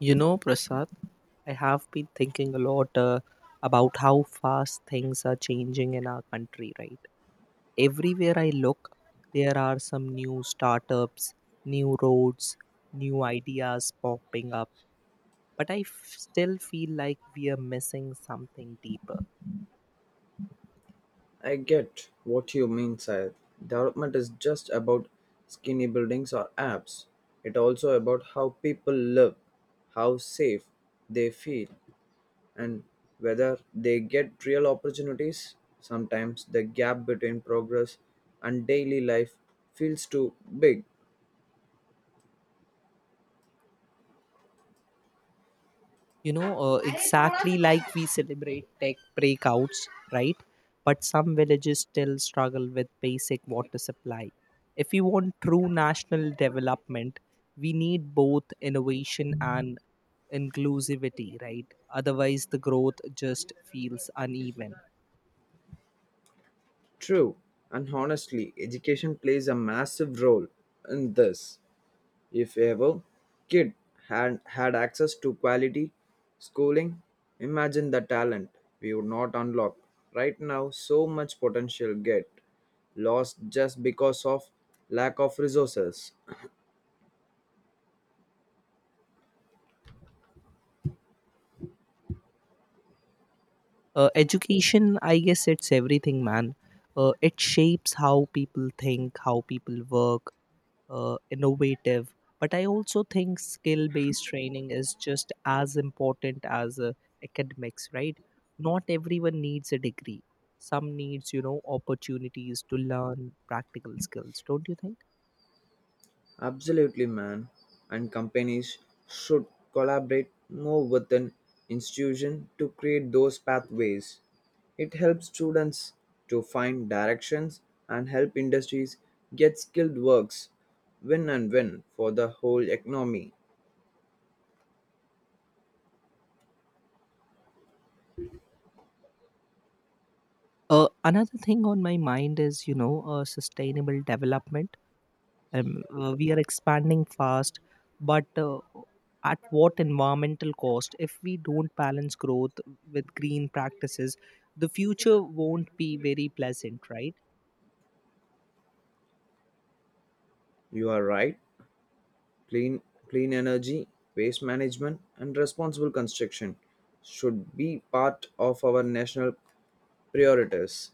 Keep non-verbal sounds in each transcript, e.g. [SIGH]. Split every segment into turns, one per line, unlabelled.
You know, Prasad, I have been thinking a lot about how fast things are changing in our country, right? Everywhere I look, there are some new startups, new roads, new ideas popping up. But still feel like we are missing something deeper.
I get what you mean, sir. Development is just about skinny buildings or apps. It also about how people live, how safe they feel, and whether they get real opportunities. Sometimes the gap between progress and daily life feels too big.
Exactly, like we celebrate tech breakouts, right, but some villages still struggle with basic water supply. If we want true national development, we need both innovation and inclusivity, right? Otherwise the growth just feels uneven.
True, and honestly, education plays a massive role in this. If ever kid had access to quality schooling, imagine the talent we would not unlock. Right now, so much potential get lost just because of lack of resources.
Education, I guess it's everything, man. It shapes how people think, how people work, innovative. But I also think skill based training is just as important as academics, right? Not everyone needs a degree. Some needs, you know, opportunities to learn practical skills, don't you think?
Absolutely, man. And companies should collaborate more with an institution to create those pathways. It helps students to find directions and help industries get skilled works. Win and win for the whole economy.
Another thing on my mind is, you know, sustainable development. We are expanding fast, but at what environmental cost? If we don't balance growth with green practices, the future won't be very pleasant, right?
You are right. Clean, clean energy, waste management, and responsible construction should be part of our national priorities.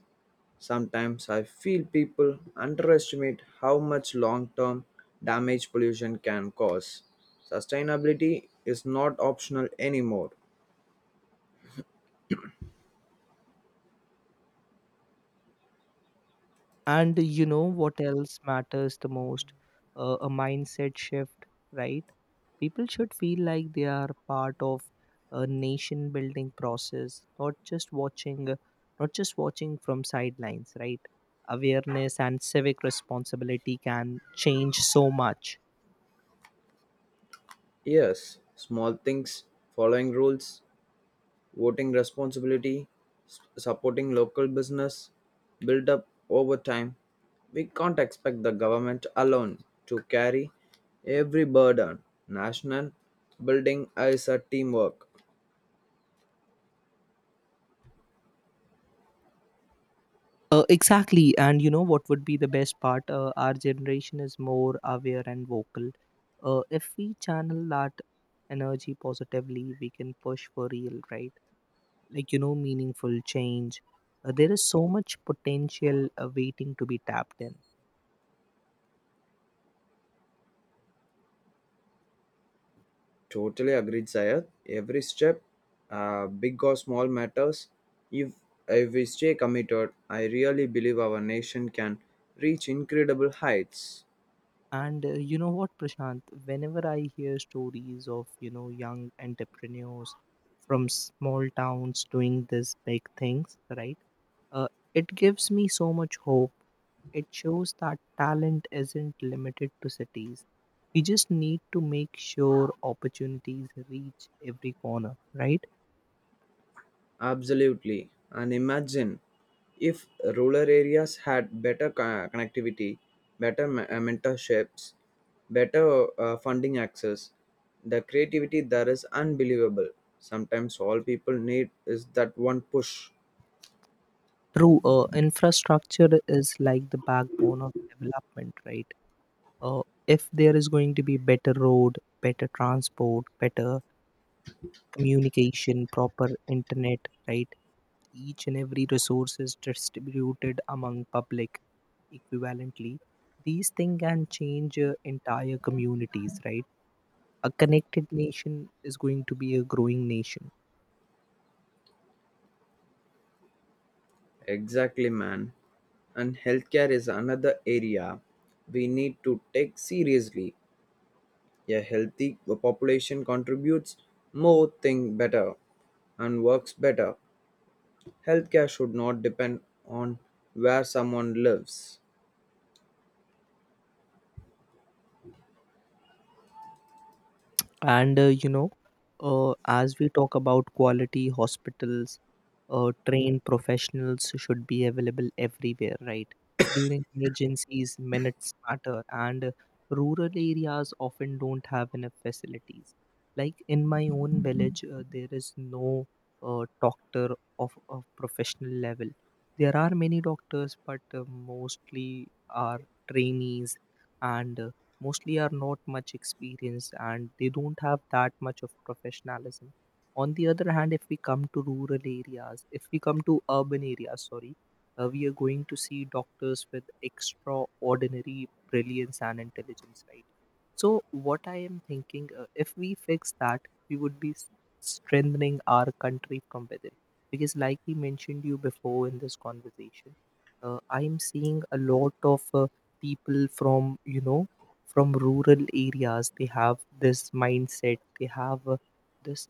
Sometimes I feel people underestimate how much long term damage pollution can cause. Sustainability is not optional anymore.
And you know what else matters the most? A mindset shift, right? People should feel like they are part of a nation building process, not just watching, not just watching from sidelines, right? Awareness and civic responsibility can change so much.
Yes, small things, following rules, voting responsibility, supporting local business built up over time. We can't expect the government alone to carry every burden. National building is a teamwork.
Exactly, and you know what would be the best part? Our generation is more aware and vocal. If we channel that energy positively, we can push for real, right? Like, you know, meaningful change. There is so much potential waiting to be tapped in.
Totally agreed, Sayed. Every step, big or small, matters. If if we stay committed, I really believe our nation can reach incredible heights.
And you know what, Prashant, whenever I hear stories of, you know, young entrepreneurs from small towns doing these big things, right, uh, it gives me so much hope. It shows that talent isn't limited to cities. We just need to make sure opportunities reach every corner, right?
Absolutely. And imagine if rural areas had better connectivity, better mentorships, better funding access, the creativity there is unbelievable. Sometimes all people need is that one push.
True, infrastructure is like the backbone of development, right? Uh, if there is going to be better road, better transport, better communication, proper internet, right? Each and every resource is distributed among public equivalently. These things can change entire communities, right? A connected nation is going to be a growing nation.
Exactly, man. And healthcare is another area we need to take seriously. A healthy population contributes more, think better, and works better. Healthcare should not depend on where someone lives.
And as we talk about quality hospitals, trained professionals should be available everywhere, right? During emergencies, minutes matter, and rural areas often don't have enough facilities. Like in my own village, [LAUGHS] there is no doctor of professional level. There are many doctors, but mostly are trainees, and mostly are not much experienced and they don't have that much of professionalism. On the other hand, if we come to rural areas, if we come to urban areas, sorry, we are going to see doctors with extraordinary brilliance and intelligence, right? So what I am thinking, if we fix that, we would be strengthening our country from within. Because like we mentioned you before in this conversation, I am seeing a lot of people from, you know, from rural areas. They have this mindset, they have this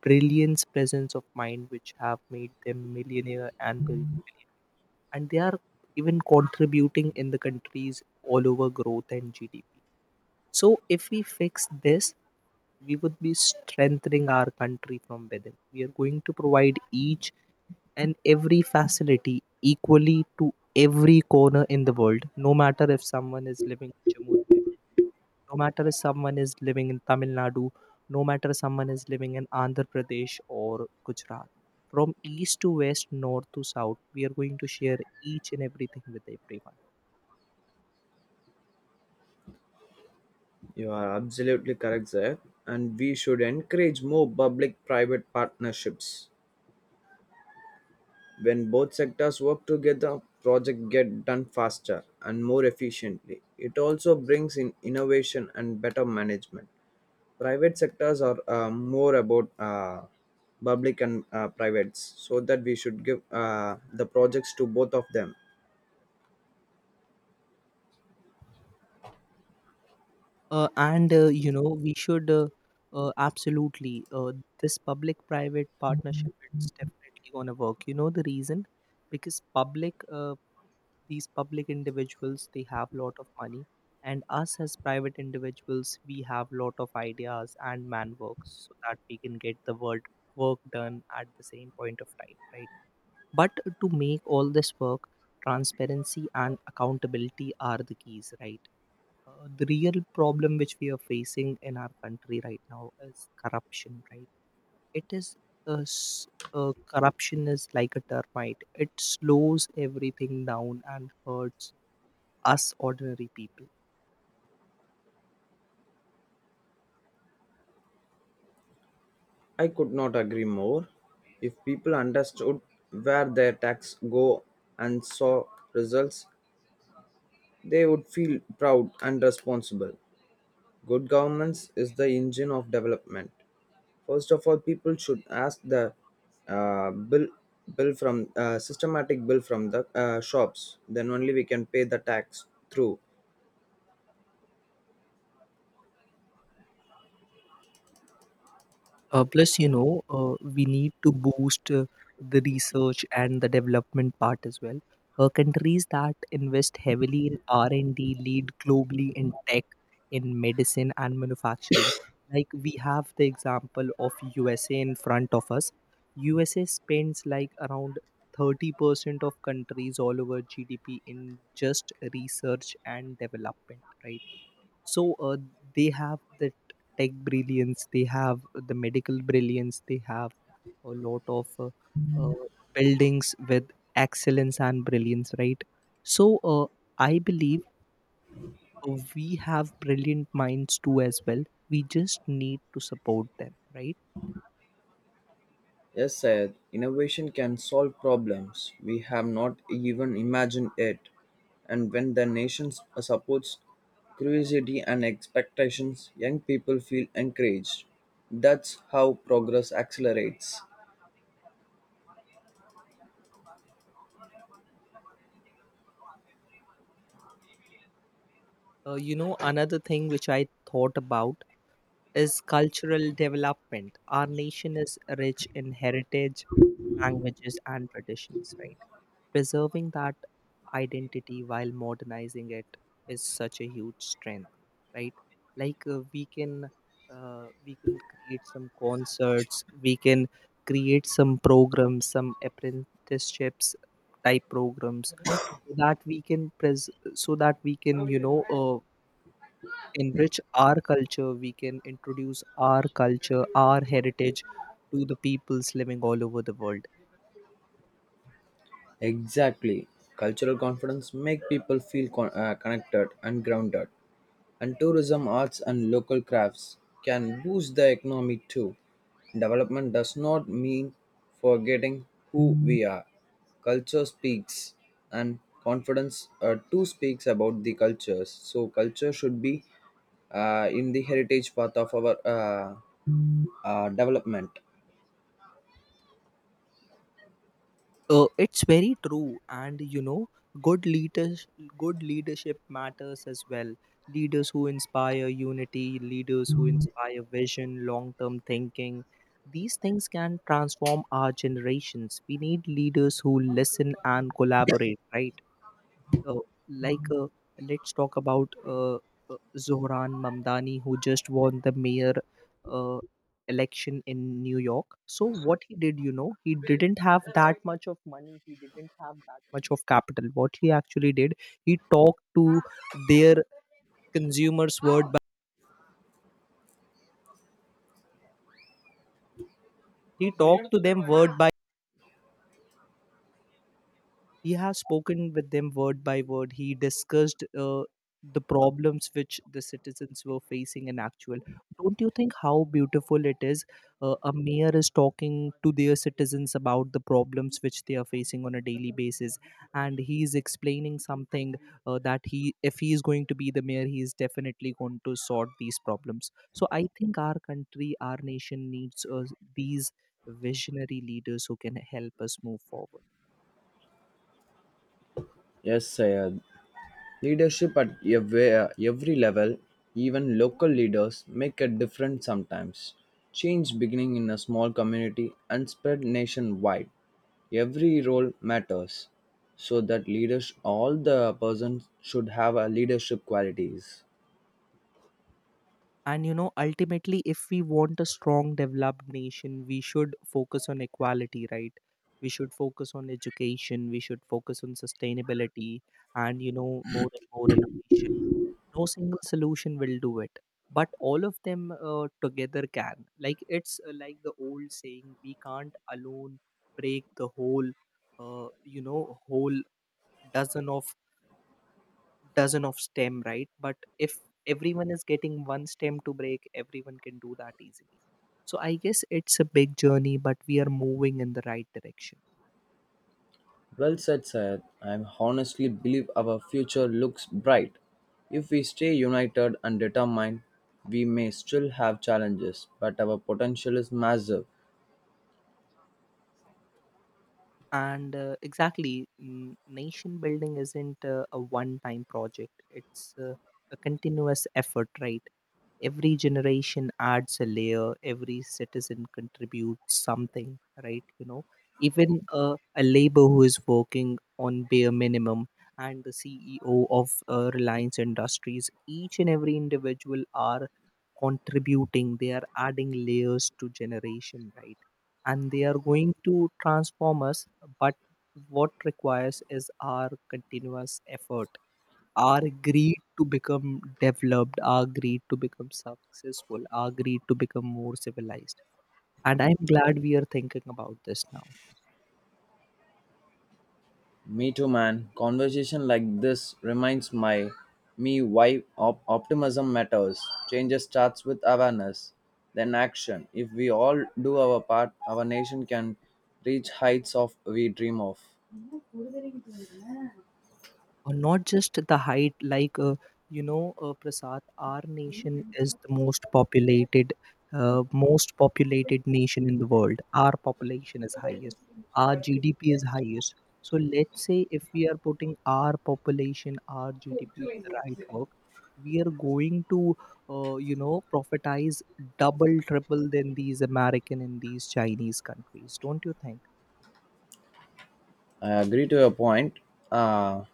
brilliance, presence of mind, which have made them millionaire and and they are even contributing in the countries all over growth and GDP. So if we fix this, we would be strengthening our country from within. We are going to provide each and every facility equally to every corner in the world, no matter if someone is living in Jammu, no matter if someone is living in Tamil Nadu, no matter if someone is living in Andhra Pradesh or Gujarat. From east to west, north to south, we are going to share each and everything with everyone.
You are absolutely correct there, and we should encourage more public private partnerships. When both sectors work together, projects get done faster and more efficiently. It also brings in innovation and better management. Private sectors are more about public and privates, so that we should give the projects to both of them.
And You know, we should absolutely this public-private partnership. It's definitely gonna work. You know the reason, because public, these public individuals, they have lot of money, and us as private individuals, we have lot of ideas and man works, so that we can get the world work done at the same point of time, right? But to make all this work, transparency and accountability are the keys, right? The real problem which we are facing in our country right now is corruption, right? It is uh, s- corruption is like a termite. It slows everything down and hurts us ordinary people.
I could not agree more. If people understood where their tax go and saw results, they would feel proud and responsible. Good governance is the engine of development. First of all, people should ask the uh, bill bill from systematic bill from the shops. Then only we can pay the tax through.
Plus, you know, we need to boost the research and the development part as well. Countries that invest heavily in R and D lead globally in tech, in medicine, and manufacturing. Like we have the example of USA in front of us. USA spends like around 30% of countries all over GDP in just research and development, right? So they have that tech brilliance, they have the medical brilliance, they have a lot of uh, buildings with excellence and brilliance, right? So I believe we have brilliant minds too as well. We just need to support them, right?
Yes, Syed, innovation can solve problems we have not even imagined yet. And when the nation supports curiosity and expectations, young people feel encouraged. That's how progress accelerates.
You know, another thing which I thought about is cultural development. Our nation is rich in heritage, languages, and traditions, right? Preserving that identity while modernizing it is such a huge strength, right? Like we can create some concerts, we can create some programs, some apprenticeships type programs, so that we can so that we can, you know, enrich our culture. We can introduce our culture, our heritage to the peoples living all over the world.
Exactly. Cultural confidence make people feel connected and grounded. And tourism, arts, and local crafts can boost the economy too. Development does not mean forgetting who we are. Culture speaks, and confidence too speaks about the cultures. So, culture should be in the heritage path of our development.
It's very true, and you know, good leaders, good leadership matters as well. Leaders who inspire unity, leaders who inspire vision, long-term thinking. These things can transform our generations. We need leaders who listen and collaborate, right? Uh, like, uh, let's talk about Zohran Mamdani, who just won the mayor uh, election in New York. So, what he did, you know, he didn't have that much of money, he didn't have that much of capital. What he actually did, he talked to their consumers word by he talked to them word by He has spoken with them word by word. He discussed the problems which the citizens were facing in actual. Don't you think how beautiful it is? A mayor is talking to their citizens about the problems which they are facing on a daily basis, and he is explaining something that he, if he is going to be the mayor, he is definitely going to sort these problems. So I think our country, our nation needs these visionary leaders who can help us move forward.
Yes, Sayed. Leadership at every level, even local leaders, make a difference sometimes. Change beginning in a small community and spread nationwide. Every role matters, so that leaders, all the persons should have a leadership qualities.
And you know, ultimately, if we want a strong, developed nation, we should focus on equality, right? We should focus on education, we should focus on sustainability, and you know, more and more innovation. No single solution will do it, but all of them together can. Like it's like the old saying, we can't alone break the whole, whole dozen of dozen of stem, right? But if everyone is getting one stem to break, everyone can do that easily. So I guess it's a big journey, but we are moving in the right direction.
Well said, sir. I honestly believe our future looks bright. If we stay united and determined, we may still have challenges, but our potential is massive.
And exactly, nation building isn't a one time project, it's a continuous effort, right? Every generation adds a layer, every citizen contributes something, right, you know? Even a labor who is working on bare minimum and the CEO of Reliance Industries, each and every individual are contributing, they are adding layers to generation, right? And they are going to transform us. But what requires is our continuous effort, our greed to become developed, our greed to become successful, our greed to become more civilized. And I'm glad we are thinking about this now.
Me too, man. Conversation like this reminds my me why optimism matters. Changes starts with awareness, then action. If we all do our part, our nation can reach heights of we dream of.
Or not just the height, like, Prasad, our nation is the most populated nation in the world. Our population is highest. Our GDP is highest. So let's say if we are putting our population, our GDP in the right work, we are going to, you know, profitize double, triple than these American and these Chinese countries. Don't you think?
I agree to your point. Uh,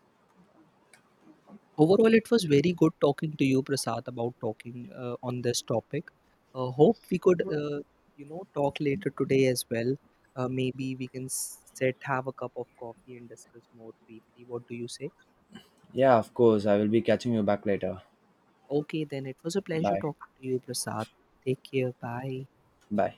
Overall, it was very good talking to you, Prasad, about talking on this topic. Hope we could, you know, talk later today as well. Maybe we can sit, have a cup of coffee, and discuss more briefly. What do you say?
yeah, of course. I will be catching you back later.
Okay, then it was a pleasure
Bye.
talking to you, Prasad. Take care. Bye.
Bye.